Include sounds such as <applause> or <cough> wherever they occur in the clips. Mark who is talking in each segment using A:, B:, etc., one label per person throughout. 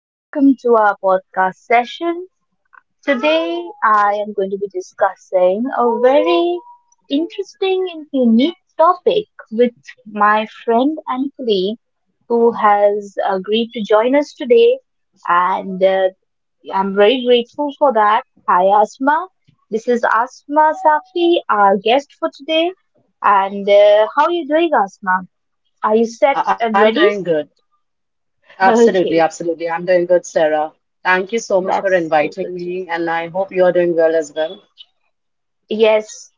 A: Welcome to our podcast session. Today, I am going to be discussing a very interesting and unique topic with my friend and colleague who has agreed to join us today. And I'm very grateful for that. Hi, Asma. This is Asma Safi, our guest for today. And how are you doing, Asma? Are you set
B: I'm
A: and
B: doing
A: ready?
B: good.
A: <laughs>
B: Absolutely,
A: Okay.
B: absolutely. I'm doing good, Sarah. Thank you so much for
A: That's so
B: inviting
A: good.
B: me, and I hope you are doing well as well.
A: Yes,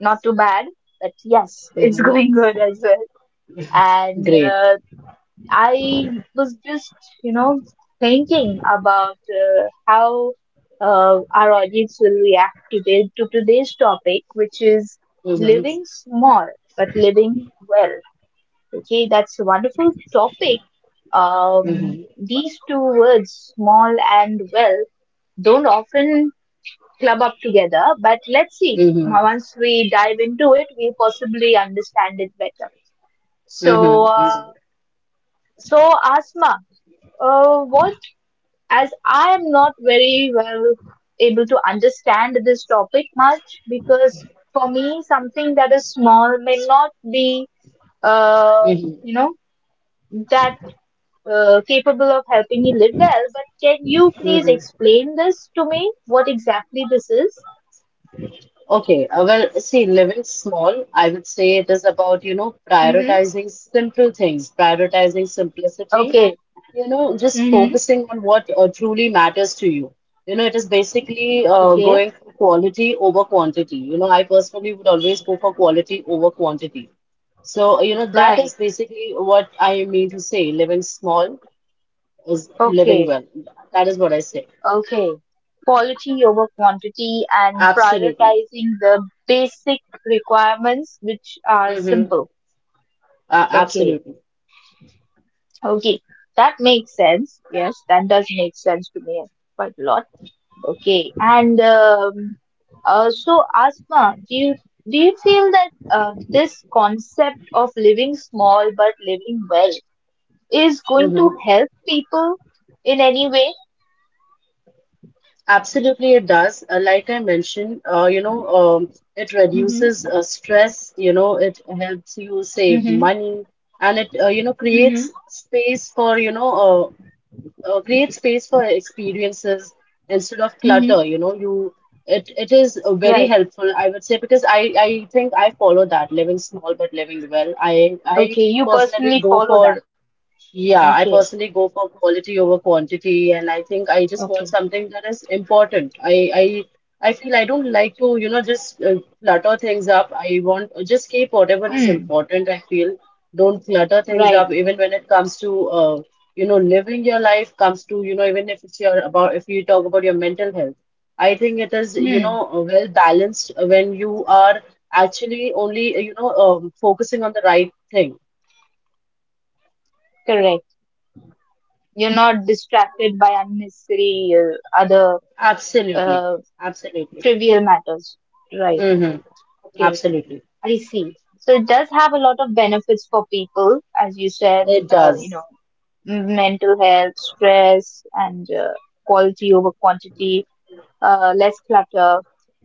A: not too bad, but yes, <laughs> it's
B: Mm-hmm.
A: going good as well. And
B: Great.
A: I was just, you know, thinking about how our audience will react today to today's topic, which is
B: Mm-hmm.
A: living small but living well. Okay, that's a wonderful topic. Um,
B: Mm-hmm.
A: these two words, small and well, don't often club up together. But let's see.
B: Mm-hmm.
A: Once we dive into it, we possibly understand it better. So,
B: Mm-hmm. Mm-hmm.
A: uh, so, Asma, what? as I am not very well able to understand this topic much, because for me, something that is small may not be, uh,
B: Mm-hmm.
A: you know, that capable of helping me live well. But can you please
B: Mm-hmm.
A: explain this to me? What exactly this is?
B: Okay, well, see, living small, I would say it is about,
A: Mm-hmm.
B: prioritizing simple things, prioritizing simplicity.
A: Okay.
B: Just
A: Mm-hmm.
B: focusing on what truly matters to you. You know, it is basically
A: Okay.
B: going for quality over quantity. You know, I personally would always go for quality over quantity. So, you know, that
A: Right.
B: is basically what I mean to say. Living small is living
A: Okay.
B: well. That is what I say.
A: Okay. Quality over quantity and
B: Absolutely.
A: prioritizing the basic requirements, which are
B: Mm-hmm.
A: simple.
B: Uh,
A: Okay.
B: absolutely.
A: Okay. That makes sense. Yes, that does make sense to me quite a lot. Okay. Asma, do you feel that this concept of living small but living well is going to
B: Mm-hmm.
A: help people in any way?
B: Absolutely, it does. Like I mentioned, it
A: Mm-hmm.
B: reduces stress. It helps you save
A: Mm-hmm.
B: money, and it,
A: Mm-hmm.
B: create space for experiences instead of clutter. You it it is very
A: Right.
B: helpful, I would say, because I think I follow that living small but living well. I
A: Okay. You
B: personally
A: personally
B: go
A: follow that
B: for, yeah, I
A: and share.
B: personally go for quality over quantity. And I think I just want
A: Okay.
B: something that is important. I I feel I don't like to, just clutter things up. I want just keep whatever is
A: Hmm.
B: important, I feel. Don't clutter things
A: Right.
B: up, even when it comes to, living your life, comes to, even if it's your about, if you talk about your mental health. I think it is,
A: Hmm.
B: well balanced when you are actually only, focusing on the right thing.
A: Correct. You're not distracted by unnecessary other
B: Absolutely.
A: uh,
B: Absolutely.
A: trivial matters. Right.
B: Mm-hmm.
A: Okay.
B: Absolutely.
A: I see. So it does have a lot of benefits for people, as you said.
B: It does.
A: Mental health, stress, and quality over quantity. Less clutter.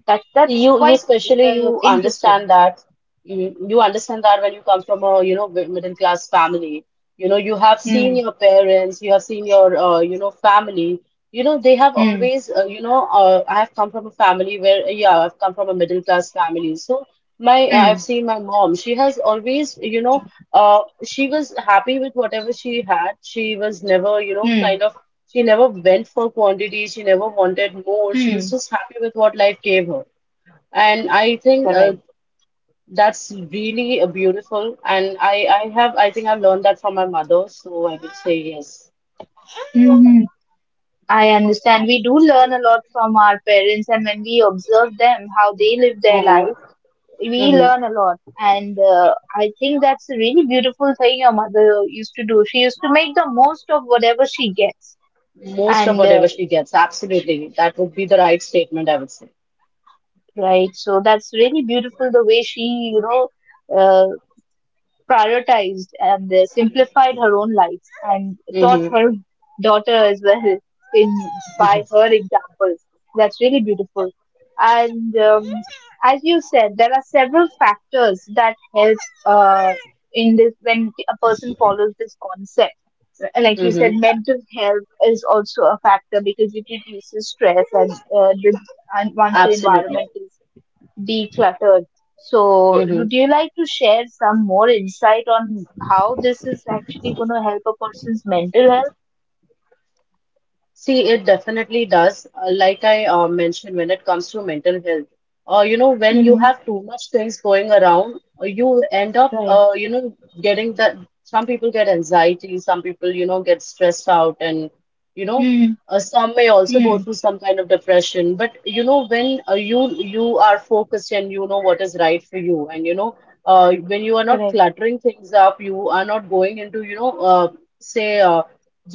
A: That's
B: You
A: quite
B: especially you
A: interesting.
B: understand that you understand that when you come from a middle class family. You have seen
A: Hmm.
B: your parents, you have seen your family. They have
A: Hmm.
B: always you know I have come from a family where, yeah, I've come from a middle class family. So my I've
A: Hmm.
B: seen my mom. She has always you know She was happy with whatever she had. She was never you know
A: Hmm.
B: kind of She never went for quantity. She never wanted more. She was
A: Hmm.
B: just happy with what life gave her. And I think
A: Correct.
B: that's really beautiful. And I think I learned that from my mother. So I would say yes.
A: Hmm. I understand. We do learn a lot from our parents, and when we observe them, how they live their
B: Hmm.
A: life, we
B: Hmm.
A: learn a lot. And I think that's a really beautiful thing your mother used to do. She used to make the most of whatever she gets.
B: Most of
A: And
B: whatever she gets, absolutely. That would be the right statement, I would say.
A: right, so that's really beautiful the way she, you know, uh, prioritized and simplified her own life and taught
B: Hmm.
A: her daughter as well in by her examples. That's really beautiful. And as you said, there are several factors that help uh, in this when a person follows this concept. Like you said,
B: Hmm.
A: mental health is also a factor because it reduces stress and this, and once the
B: Absolutely.
A: environment is decluttered. So,
B: Mm-hmm.
A: would you like to share some more insight on how this is actually going to help a person's mental health?
B: See, it definitely does. Like I mentioned, when it comes to mental health, when you
A: Mm-hmm.
B: have too much things going around, you end up,
A: Right.
B: getting that. Some people get anxiety, some people, get stressed out, and you know,
A: Mm-hmm.
B: some may also go
A: Mm-hmm.
B: through some kind of depression. But when you are focused and you know what is right for you, and when you are not
A: Correct,
B: cluttering things up, you are not going into, say.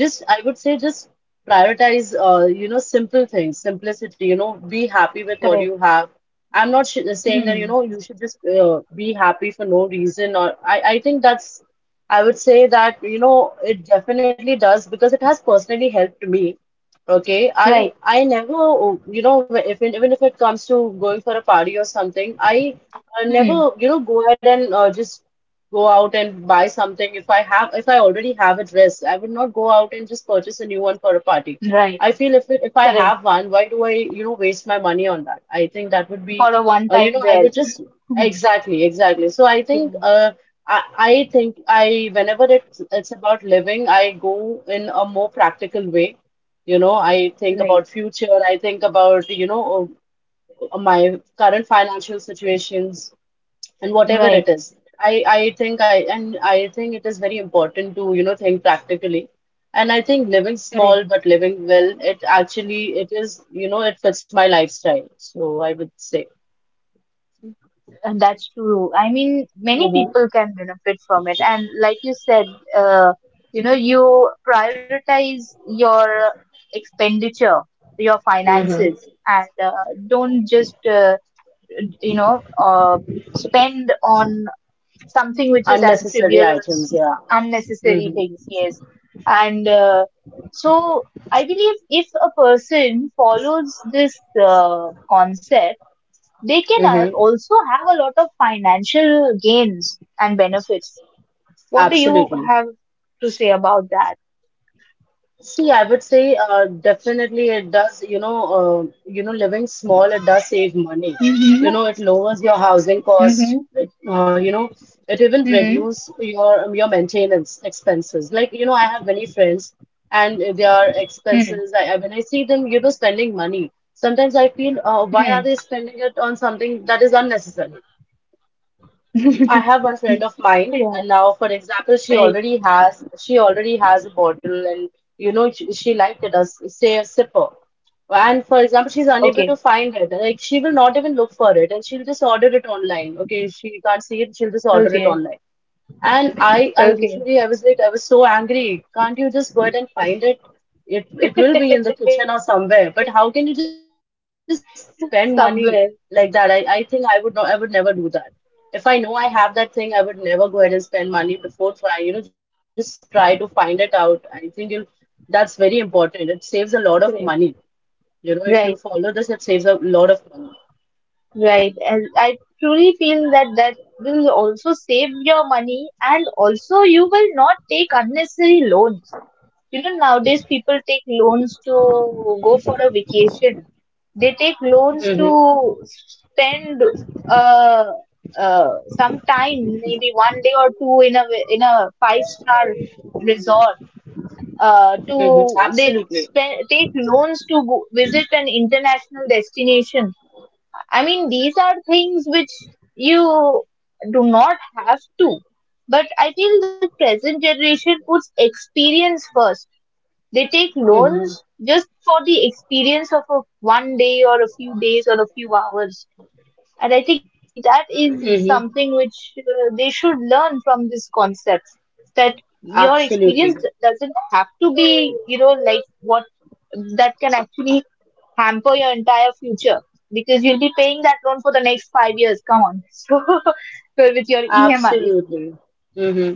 B: Just I would say, just prioritize, simple things, simplicity. Be happy with what you
A: correct.
B: have. I'm not sh saying that
A: Mm-hmm.
B: you should just be happy for no reason. Or I think that's, I would say that it definitely does, because it has personally helped me. Okay, i
A: Right.
B: i never, if even if it comes to going for a party or something, I never
A: Mm-hmm.
B: go ahead and just go out and buy something if I already have a dress. I would not go out and just purchase a new one for a party.
A: Right.
B: I feel, if I
A: Correct.
B: have one, why do I, waste my money on that? I think that would be,
A: For a one time
B: I
A: wear.
B: would just,
A: <laughs>
B: exactly, exactly. So I think,
A: Yeah.
B: I think I whenever it's about living, I go in a more practical way. You know, I think
A: Right.
B: about future. I think about, my current financial situations and whatever
A: Right.
B: it is. I think it is very important to, think practically. And I think living
A: Correct.
B: small but living well, it is, it fits my lifestyle. So I would say.
A: And that's true. I mean, many
B: Hmm.
A: people can benefit from it. And like you said, uh, you prioritize your expenditure, your
B: Hmm.
A: finances, and don't just, you know, uh, spend on something which is as
B: Unnecessary
A: trivial as
B: items, yeah.
A: unnecessary
B: Hmm.
A: things. Yes. And so I believe if a person follows this concept, they can
B: Hmm.
A: also have a lot of financial gains and benefits. What do you
B: Absolutely.
A: have to say about that?
B: See, I would say, definitely it does. Living small, it does save money.
A: Mm-hmm.
B: You know, it lowers your housing
A: Mm-hmm.
B: costs. It even reduce your maintenance expenses. Like, I have many friends, and their
A: Mm-hmm.
B: expenses, when I see them, spending money, sometimes I feel, why are they spending it on something that is unnecessary?
A: Mm-hmm.
B: I have one friend of
A: <laughs>
B: mine,
A: Yeah.
B: and now, for example,
A: Right.
B: she already has a bottle, and she liked it as, say, a sipper. And for example, she's unable
A: Okay.
B: to find it. Like, she will not even look for it, and she'll just order it online. Okay, she can't see it, she'll just order it
A: Okay.
B: online. And I
A: Okay.
B: literally, I was like, I was so angry. Can't you just go ahead and find it? It will be in the
A: <laughs>
B: kitchen or somewhere. But how can you just spend
A: Somewhere.
B: money like that? I think I would never do that. If I know I have that thing, I would never go ahead
A: So.
B: and spend money before trying. You know, just try to find it out. I think that's very important. It saves a lot of money.
A: Correct.
B: You know, if you follow this, it saves a
A: Right.
B: lot of money.
A: Right. And I truly feel that that will also save your money and also you will not take unnecessary loans. You know, nowadays people take loans to go for a vacation. They take loans
B: Mm-hmm.
A: to spend uh, some time, maybe one day or two in a five-star resort.
B: Mm-hmm.
A: To they
B: Absolutely.
A: spend take loans to go, visit an international destination. I mean, these are things which you do not have to. But I feel the present generation puts experience first. They take
B: Mm-hmm.
A: loans just for the experience of a one day or a few days or a few hours. And I think that is something
B: Mm-hmm.
A: which they should learn from this concept that your experience
B: Absolutely.
A: doesn't have to be, like what that can actually hamper your entire future because you'll be paying that loan for the next 5 years. Come on. <laughs> So, with your EMIs,
B: Absolutely. Hmm.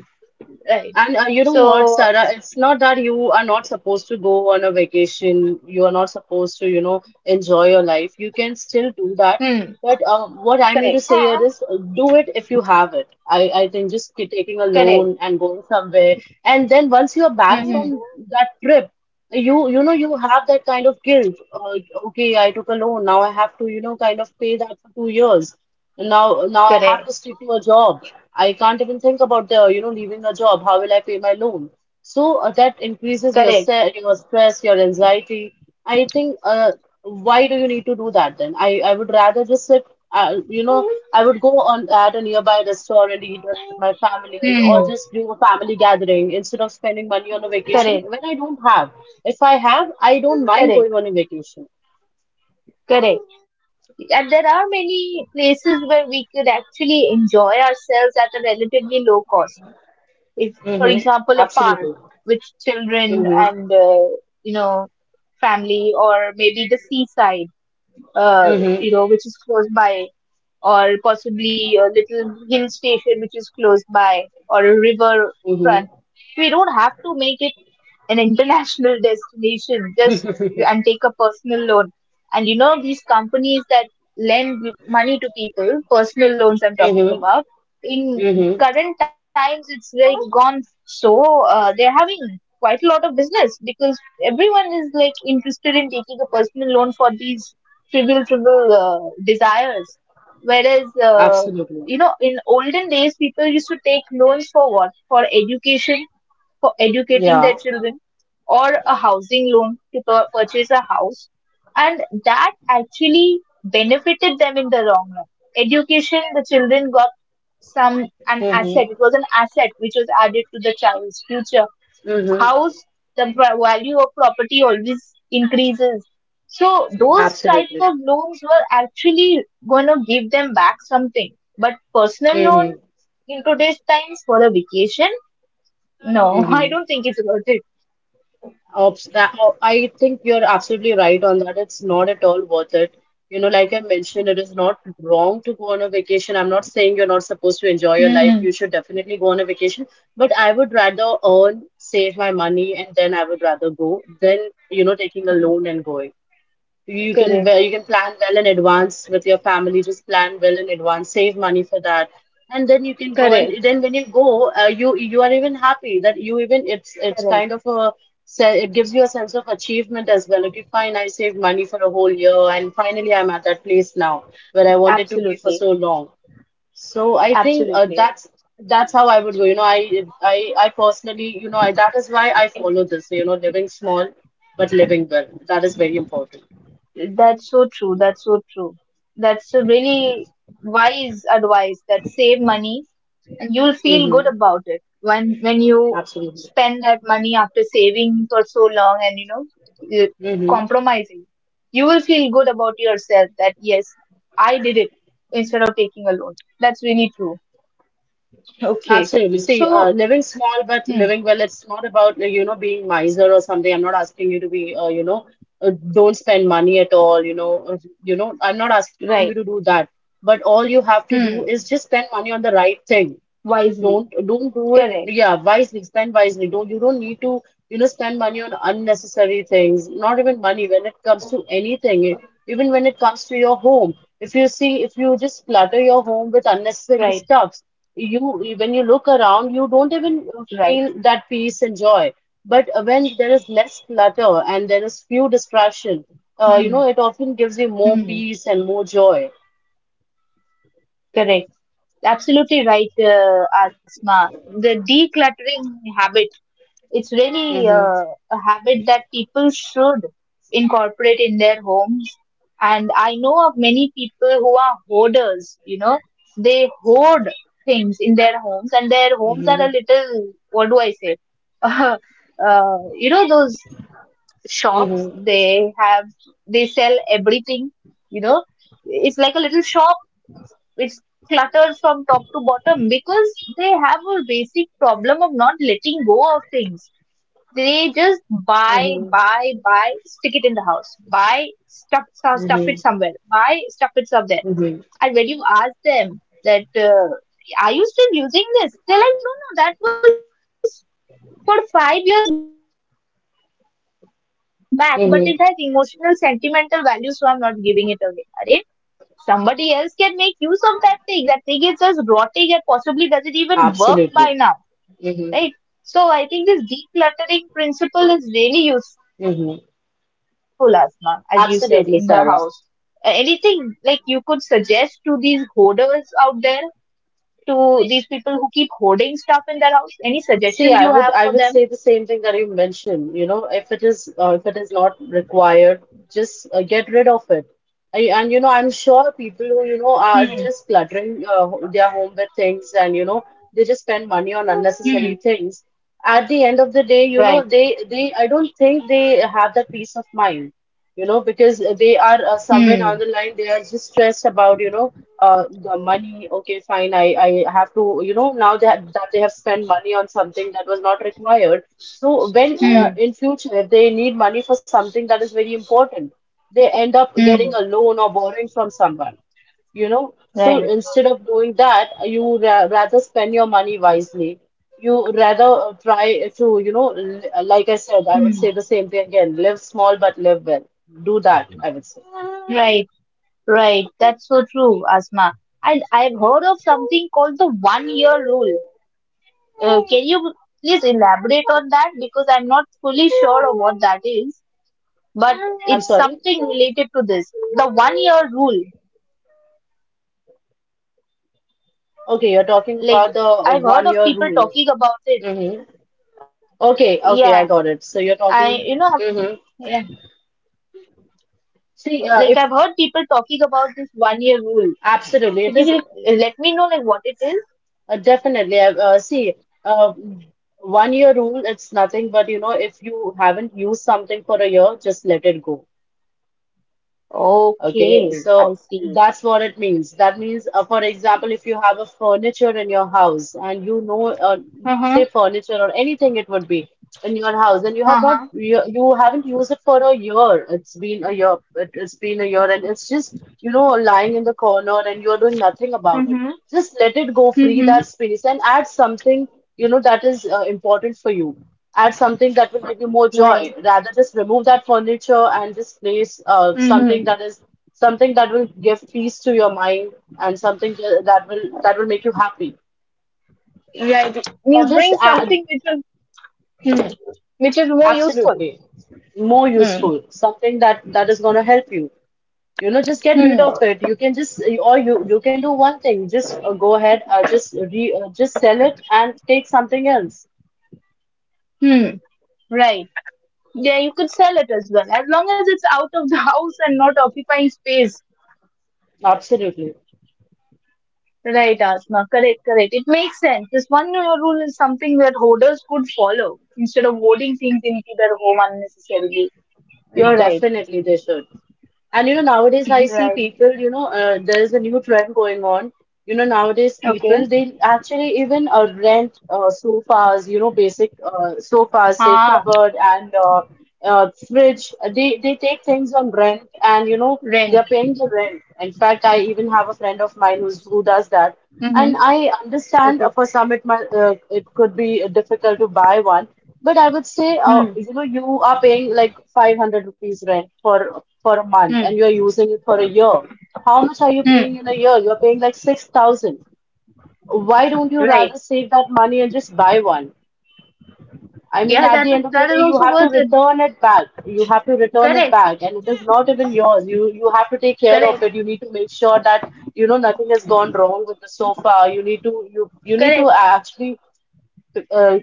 A: right?
B: And you know what,
A: So.
B: Sarah? It's not that you are not supposed to go on a vacation. You are not supposed to, enjoy your life. You can still do that.
A: Hmm.
B: But what I mean to
A: Correct,
B: say here is, do it if you have it. I think, just taking a
A: correct.
B: loan and going somewhere. And then once you are back
A: Hmm.
B: from that trip, you know you have that kind of guilt. Okay, I took a loan. Now I have to, kind of pay that for 2 years. Now I have to
A: Correct,
B: stick to a job. I can't even think about leaving a job. How will I pay my loan? So that increases your
A: correct,
B: se your stress, your anxiety. I think, why do you need to do that then? I would rather just sit, uh, you know, I would go on at a nearby restaurant, eat with my family, or
A: Hmm.
B: just do a family gathering instead of spending money on a vacation
A: Correct.
B: when I don't have. If I have, I don't mind
A: Correct.
B: going on a vacation.
A: Correct. And there are many places where we could actually enjoy ourselves at a relatively low cost. If, for
B: Mm-hmm.
A: example, a park
B: Absolutely.
A: with children
B: Mm-hmm.
A: and, you know, family, or maybe the seaside, uh,
B: Mm-hmm.
A: you know, which is close by, or possibly a little hill station which is close by, or a river front. We don't have to make it an international <laughs> destination just and take a personal loan and you know these companies that lend money to people personal loans I'm talking
B: Mm-hmm.
A: about in
B: Mm-hmm.
A: current times it's like gone so they're having quite a lot of business because everyone is like interested in taking a personal loan for these trivial trivial desires whereas
B: Absolutely.
A: you know in olden days people used to take loans for what for education for educating
B: Yeah.
A: their children or a housing loan to pur- purchase a house and that actually benefited them in the long run education the children got some an
B: Mm-hmm.
A: asset it was an asset which was added to the child's future
B: Mm-hmm.
A: house the pr- value of property always increases so those types
B: Absolutely.
A: of loans were actually going to give them back something but personal loan
B: Mm-hmm.
A: in today's times for a vacation no <laughs> I
B: Mm-hmm.
A: don't think it's worth it
B: Oh, I think you're absolutely right on that. It's not at all worth it. You know, like I mentioned, it is not wrong to go on a vacation. I'm not saying you're not supposed to enjoy your life.
A: hmm
B: You should definitely go on a vacation. But I would rather earn, save my money, and then I would rather go than, taking a loan
A: Correct.
B: and going. You can
A: Correct,
B: well, you can plan well in advance with your family. Just plan well in advance, save money for that, and then you can go.
A: correct,
B: And then when you go, you are even happy that you even it's kind
A: correct.
B: of a it gives you a sense of achievement as well. Okay, fine, I saved money for a whole year, and finally I'm at that place now where I wanted to be for
A: Absolutely,
B: so long. So I think,
A: absolutely.
B: that's how I would go. You know, I personally, that is why I follow this. You know, living small but living well. That is very important.
A: That's so true. That's so true. That's a really wise advice that save money and you'll feel good
B: Hmm.
A: about it when you
B: Absolutely.
A: spend that money after saving for so long and uh,
B: Hmm.
A: compromising. You will feel good about yourself that yes, I did it instead of taking a loan. That's really true. Okay.
B: Absolutely. See,
A: So.
B: living small but
A: Hmm.
B: living well, it's not about, being miser or something. I'm not asking you to be, don't spend money at all. I'm not asking
A: Right.
B: you to do that. But all you have to do is
A: Hmm.
B: just spend money on the right thing.
A: Wisely.
B: Don't do it.
A: Correct.
B: Yeah, wisely, spend wisely. Don't You don't need to, spend money on unnecessary things. Not even money when it comes to anything, even when it comes to your home. If you see, if you just clutter your
A: Right.
B: home with unnecessary stuffs, you when you look around, you don't
A: Right.
B: even feel that peace and joy. But when there is less clutter and there is few distraction,
A: Hmm.
B: it often gives you
A: Hmm.
B: more peace and more joy.
A: Correct. Absolutely right, Asma. The decluttering habit, it's really
B: Mm-hmm.
A: a habit that people should incorporate in their homes. And I know of many people who are hoarders. You know, they hoard things in their homes, and their homes are a
B: Mm-hmm.
A: little, what do I say? <laughs> uh, those shops
B: Mm-hmm.
A: they have, they sell everything. you know it's like a little shop. It's cluttered from top to bottom because they have a basic problem of not letting go of things. They just buy,
B: Mm-hmm.
A: buy, buy, stick it in the house, buy stuff, stuff, stuff it somewhere, buy, stuff it somewhere.
B: Mm-hmm.
A: And when you ask them that are you still using this, they're like, no, no, that was for 5 years back, but it has emotional, sentimental value, so I'm not giving it
B: Hmm.
A: away. Somebody else can make use of that thing. That thing is just rotting and possibly doesn't even work by now, right? So I think this
B: Absolutely.
A: decluttering
B: Hmm.
A: principle is really useful, Asma, as you said, in the house.
B: Hmm.
A: Anything like you could suggest to these
B: Absolutely, Sarah.
A: hoarders out there, to these people who keep hoarding stuff in their house? Any suggestions you have for them?
B: See, I would say the same thing that you mentioned. You know, if it is not required, just get rid of it. And you know, I'm sure people who you know are
A: Hmm.
B: just cluttering their home with things, and you know, they just spend money on unnecessary
A: Hmm.
B: things. At the end of the day, you know,
A: Right.
B: they I don't think they have that peace of mind. You know, because they are somewhere
A: Hmm.
B: down the line, they are just stressed about. The money, okay, fine, I have to, you know, now that they have spent money on something that was not required. So when
A: Hmm.
B: in future, if they need money for something that is very important, they end up
A: Hmm.
B: getting a loan or borrowing from someone. You know, so
A: Right.
B: instead of doing that, you ra rather spend your money wisely. You rather try to, you know, l like I said, I would
A: Hmm.
B: say the same thing again: live small but live well. Do that, I would say.
A: Right. Right, that's so true, Asma. And I've heard of something called the one year rule. Can you please elaborate on that? Because I'm not fully sure of what that is, but
B: I'm
A: it's
B: sorry.
A: something related to this. The one year rule. Like, I've heard
B: Okay,
A: of
B: you're
A: people
B: talking
A: talking
B: about
A: about
B: the
A: it.
B: one year rule. Mm-hmm.
A: Yeah.
B: Okay,
A: I,
B: okay,
A: you
B: I
A: know,
B: got it. So you're
A: yeah,
B: talking. Hmm.
A: like I've heard people
B: See,
A: talking
B: if
A: about this one year rule. Could you like,
B: absolutely, it
A: let
B: is
A: me know, like, what it is?
B: definitely. See, uh, one year rule, it's nothing but, you know, if you haven't used something for a year, just let it go. Okay,
A: Okay, I
B: so
A: see.
B: that's what it means. That means, for example, if you have a furniture in your house and you know, say
A: Mm-hmm.
B: furniture or anything it would be in your house, and
A: Uh-huh.
B: you haven't used it for a year. It's been a year, it's been a year, and it's just, you know, lying in the corner and you're doing nothing about it.
A: Mm-hmm.
B: Just let it go, free
A: Mm-hmm.
B: that space, and add something, you know, that is important for you. Add something that will give you more
A: Right.
B: joy rather just remove that furniture and just place
A: Mm-hmm.
B: something that is something that will give peace to your mind, and something that will make you happy.
A: Right.
B: Or
A: Means
B: just
A: bring
B: a,
A: something hmm, which is more useful.
B: absolutely, more
A: Hmm.
B: useful, something that is going to help you. You know, just get rid
A: Hmm.
B: of it. You can just, or you can do one thing. Just go ahead, just re just sell it and take something else.
A: Hmm. Right. Yeah, you could sell it as well. As long as it's out of the <laughs> house and not occupying space.
B: Absolutely.
A: Right, Asma. Correct, correct. It makes sense. This one year rule is something that hoarders could follow instead of hoarding things into their home unnecessarily. You're right.
B: Definitely they should. And you know, nowadays I see
A: Right.
B: people, you know, there's a new trend going on. You know, nowadays people,
A: Okay.
B: they actually even rent sofas, you know, basic sofas, say
A: Ah,
B: cupboard and fridge. They take things on rent and, you know, they're
A: rent.
B: paying the rent. In fact, I even have a friend of mine who does that.
A: Mm-hmm.
B: And I understand for some it might it could be difficult to buy one. But I would say,
A: Hmm.
B: you know, you are paying like 500 rupees rent for a month and
A: Hmm.
B: you're using it for a year. How much are you paying
A: Hmm.
B: in a year? You're paying like 6,000. Why don't you rather
A: Right.
B: save that money and just buy one? I mean,
A: Yeah,
B: at
A: that
B: the end of the
A: that
B: day,
A: is
B: you
A: also
B: have to
A: worth it.
B: return it back. You have to return it
A: Correct.
B: back, and it is not even yours. You have to take care of it.
A: Correct.
B: You need to make sure that, you know, nothing has gone wrong with the sofa. You need to, you need to
A: Correct.
B: actually uh,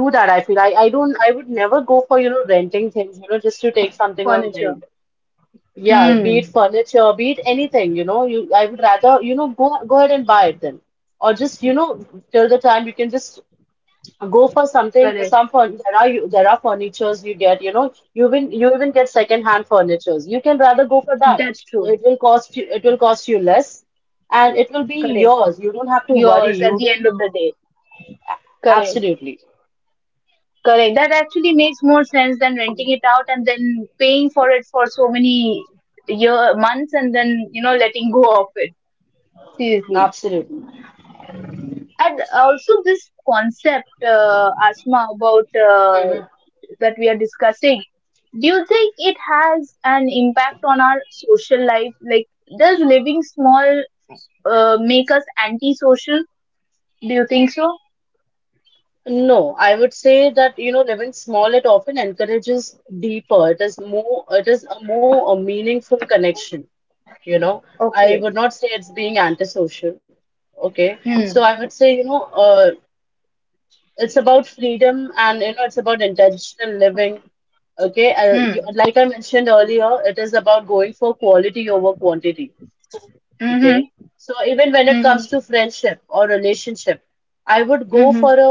B: do that. I feel, I don't, I would never go for, you know, renting things, you know, just to take something on rent.
A: Furniture.
B: Yeah, be it
A: Hmm.
B: furniture, be it anything, you know, you I would rather, you know, go ahead and buy it then, or just, you know, till the time you can just go for something,
A: Correct.
B: some furn there are, you there are furnitures you get, you know, you even get second hand furnitures. You can rather go for that.
A: That's
B: So
A: true.
B: it will cost you less, and it will be
A: Correct.
B: yours. You don't have to worry.
A: Yours at
B: You
A: the end
B: don't.
A: of the day. Correct.
B: Absolutely.
A: Correct. That actually makes more sense than renting it out and then paying for it for so many year months and then letting go of it. Seriously.
B: Absolutely.
A: And also this concept, Asma, about that we are discussing. Do you think it has an impact on our social life? Like, does living small make us antisocial? Do you think so?
B: No, I would say that, you know, living small, it often encourages deeper. It is more, it is a more a meaningful connection, you know. I
A: Okay.
B: would not say it's being antisocial. Okay. So
A: Hmm.
B: I would say, you know, it's about freedom and, you know, it's about intentional living. Okay.
A: Hmm.
B: Like I mentioned earlier, it is about going for quality over quantity. Okay.
A: Hmm.
B: So even when it comes
A: Hmm.
B: to friendship or relationship, I would go
A: Hmm.
B: for a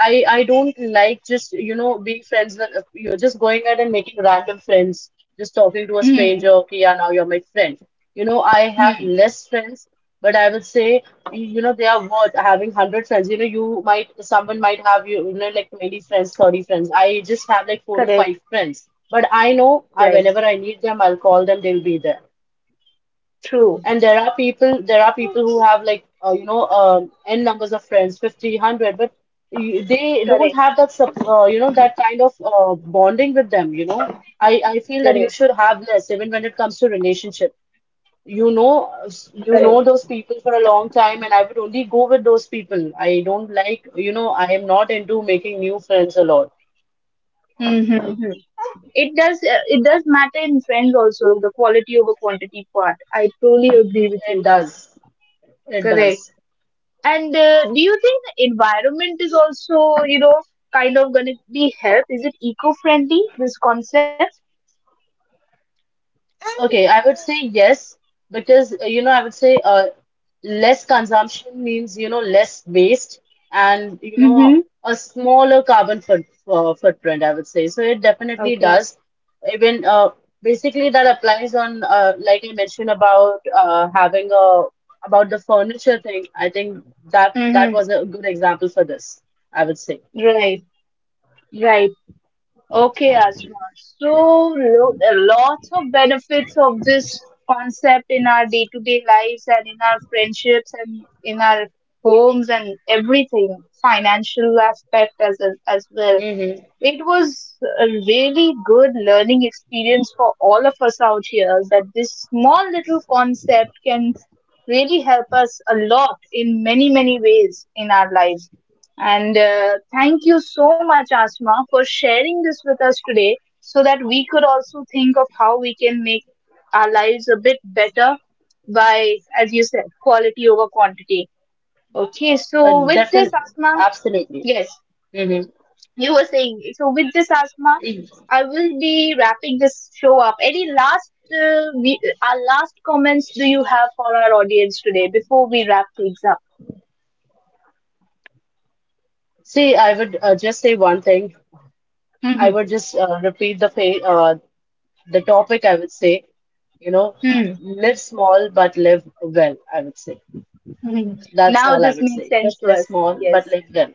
B: I don't like just, you know, being friends with, you're just going out and making random friends, just talking to a stranger.
A: Hmm.
B: Okay, yeah, now you're my friend. You know, I have
A: Hmm.
B: less friends, but I would say you know they are worth having 100 friends. You know, you might, someone might have, you know, like 20 friends, 30 friends. I just have like four to
A: Correct.
B: five friends, but I know,
A: Right.
B: whenever I need them, I'll call them. They'll be there.
A: True.
B: And there are people who have like, you know, n numbers of friends, 50, 100, but they don't
A: Correct.
B: have that, you know, that kind of bonding with them, you know. I feel that you
A: Correct.
B: should have less, even when it comes to relationship. You know, you know
A: Correct.
B: those people for a long time, and I would only go with those people. I don't like, you know, I am not into making new friends a lot.
A: Mm-hmm. Mm-hmm. It does. It does matter in friends also the quality over quantity part. I truly agree with
B: It
A: you.
B: does. It
A: Correct.
B: does.
A: And do you think the environment is also kind of going to be help? Is it eco friendly? This concept.
B: Okay, I would say yes, because you know, I would say less consumption means, you know, less waste, and you know,
A: Mm-hmm.
B: a smaller carbon footprint. I would say so. It definitely
A: Okay.
B: does. Even basically that applies on, like I mentioned about having a, about the furniture thing. I think that that
A: Mm-hmm.
B: was a good example for this. I would say.
A: Right. Right. Okay, Asma. So a lot of benefits of this concept in our day-to-day lives and in our friendships and in our homes and everything, financial aspect as well.
B: Mm-hmm.
A: It was a really good learning experience for all of us out here that this small little concept can really help us a lot in many, many ways in our lives. And thank you so much, Asma, for sharing this with us today so that we could also think of how we can make our lives a bit better by, as you said, quality over quantity. Okay, so with
B: Definitely,
A: this, Asma,
B: absolutely.
A: yes,
B: Mm-hmm.
A: you were saying. So with this, Asma, I will be wrapping this show up. Any last, our last comments do you have for our audience today before we wrap things up?
B: See, I would just say one thing. I
A: Mhm,
B: would just repeat the fa the topic. I would say, you know,
A: mhm,
B: live small but live well. I would say
A: mhm.
B: that's
A: Now
B: all I
A: this
B: would
A: makes
B: say.
A: sense
B: Just
A: to
B: live
A: us.
B: small but
A: Yes,
B: live well.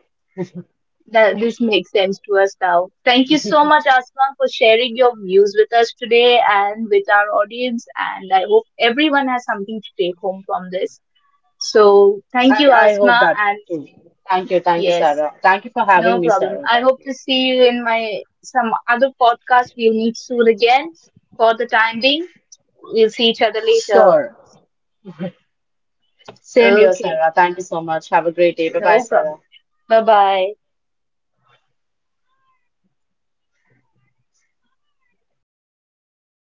A: that this makes sense to us now. Thank you so much, Asma, for sharing your views with us today and with our audience. And I hope everyone has something to take home from this. So thank
B: I
A: you,
B: I hope
A: Asma,
B: that
A: and
B: too. Thank you,
A: yes.
B: Sarah. Thank you for
A: No
B: having me,
A: problem.
B: Sarah.
A: I
B: Thank
A: hope
B: you.
A: to see you in my some other podcast. We'll meet soon again. For the time being, we'll see each other later.
B: Sure. Same here,
A: Okay,
B: Sarah. Thank you so much. Have a great day. Bye bye,
A: no
B: Sarah.
A: problem. Bye bye.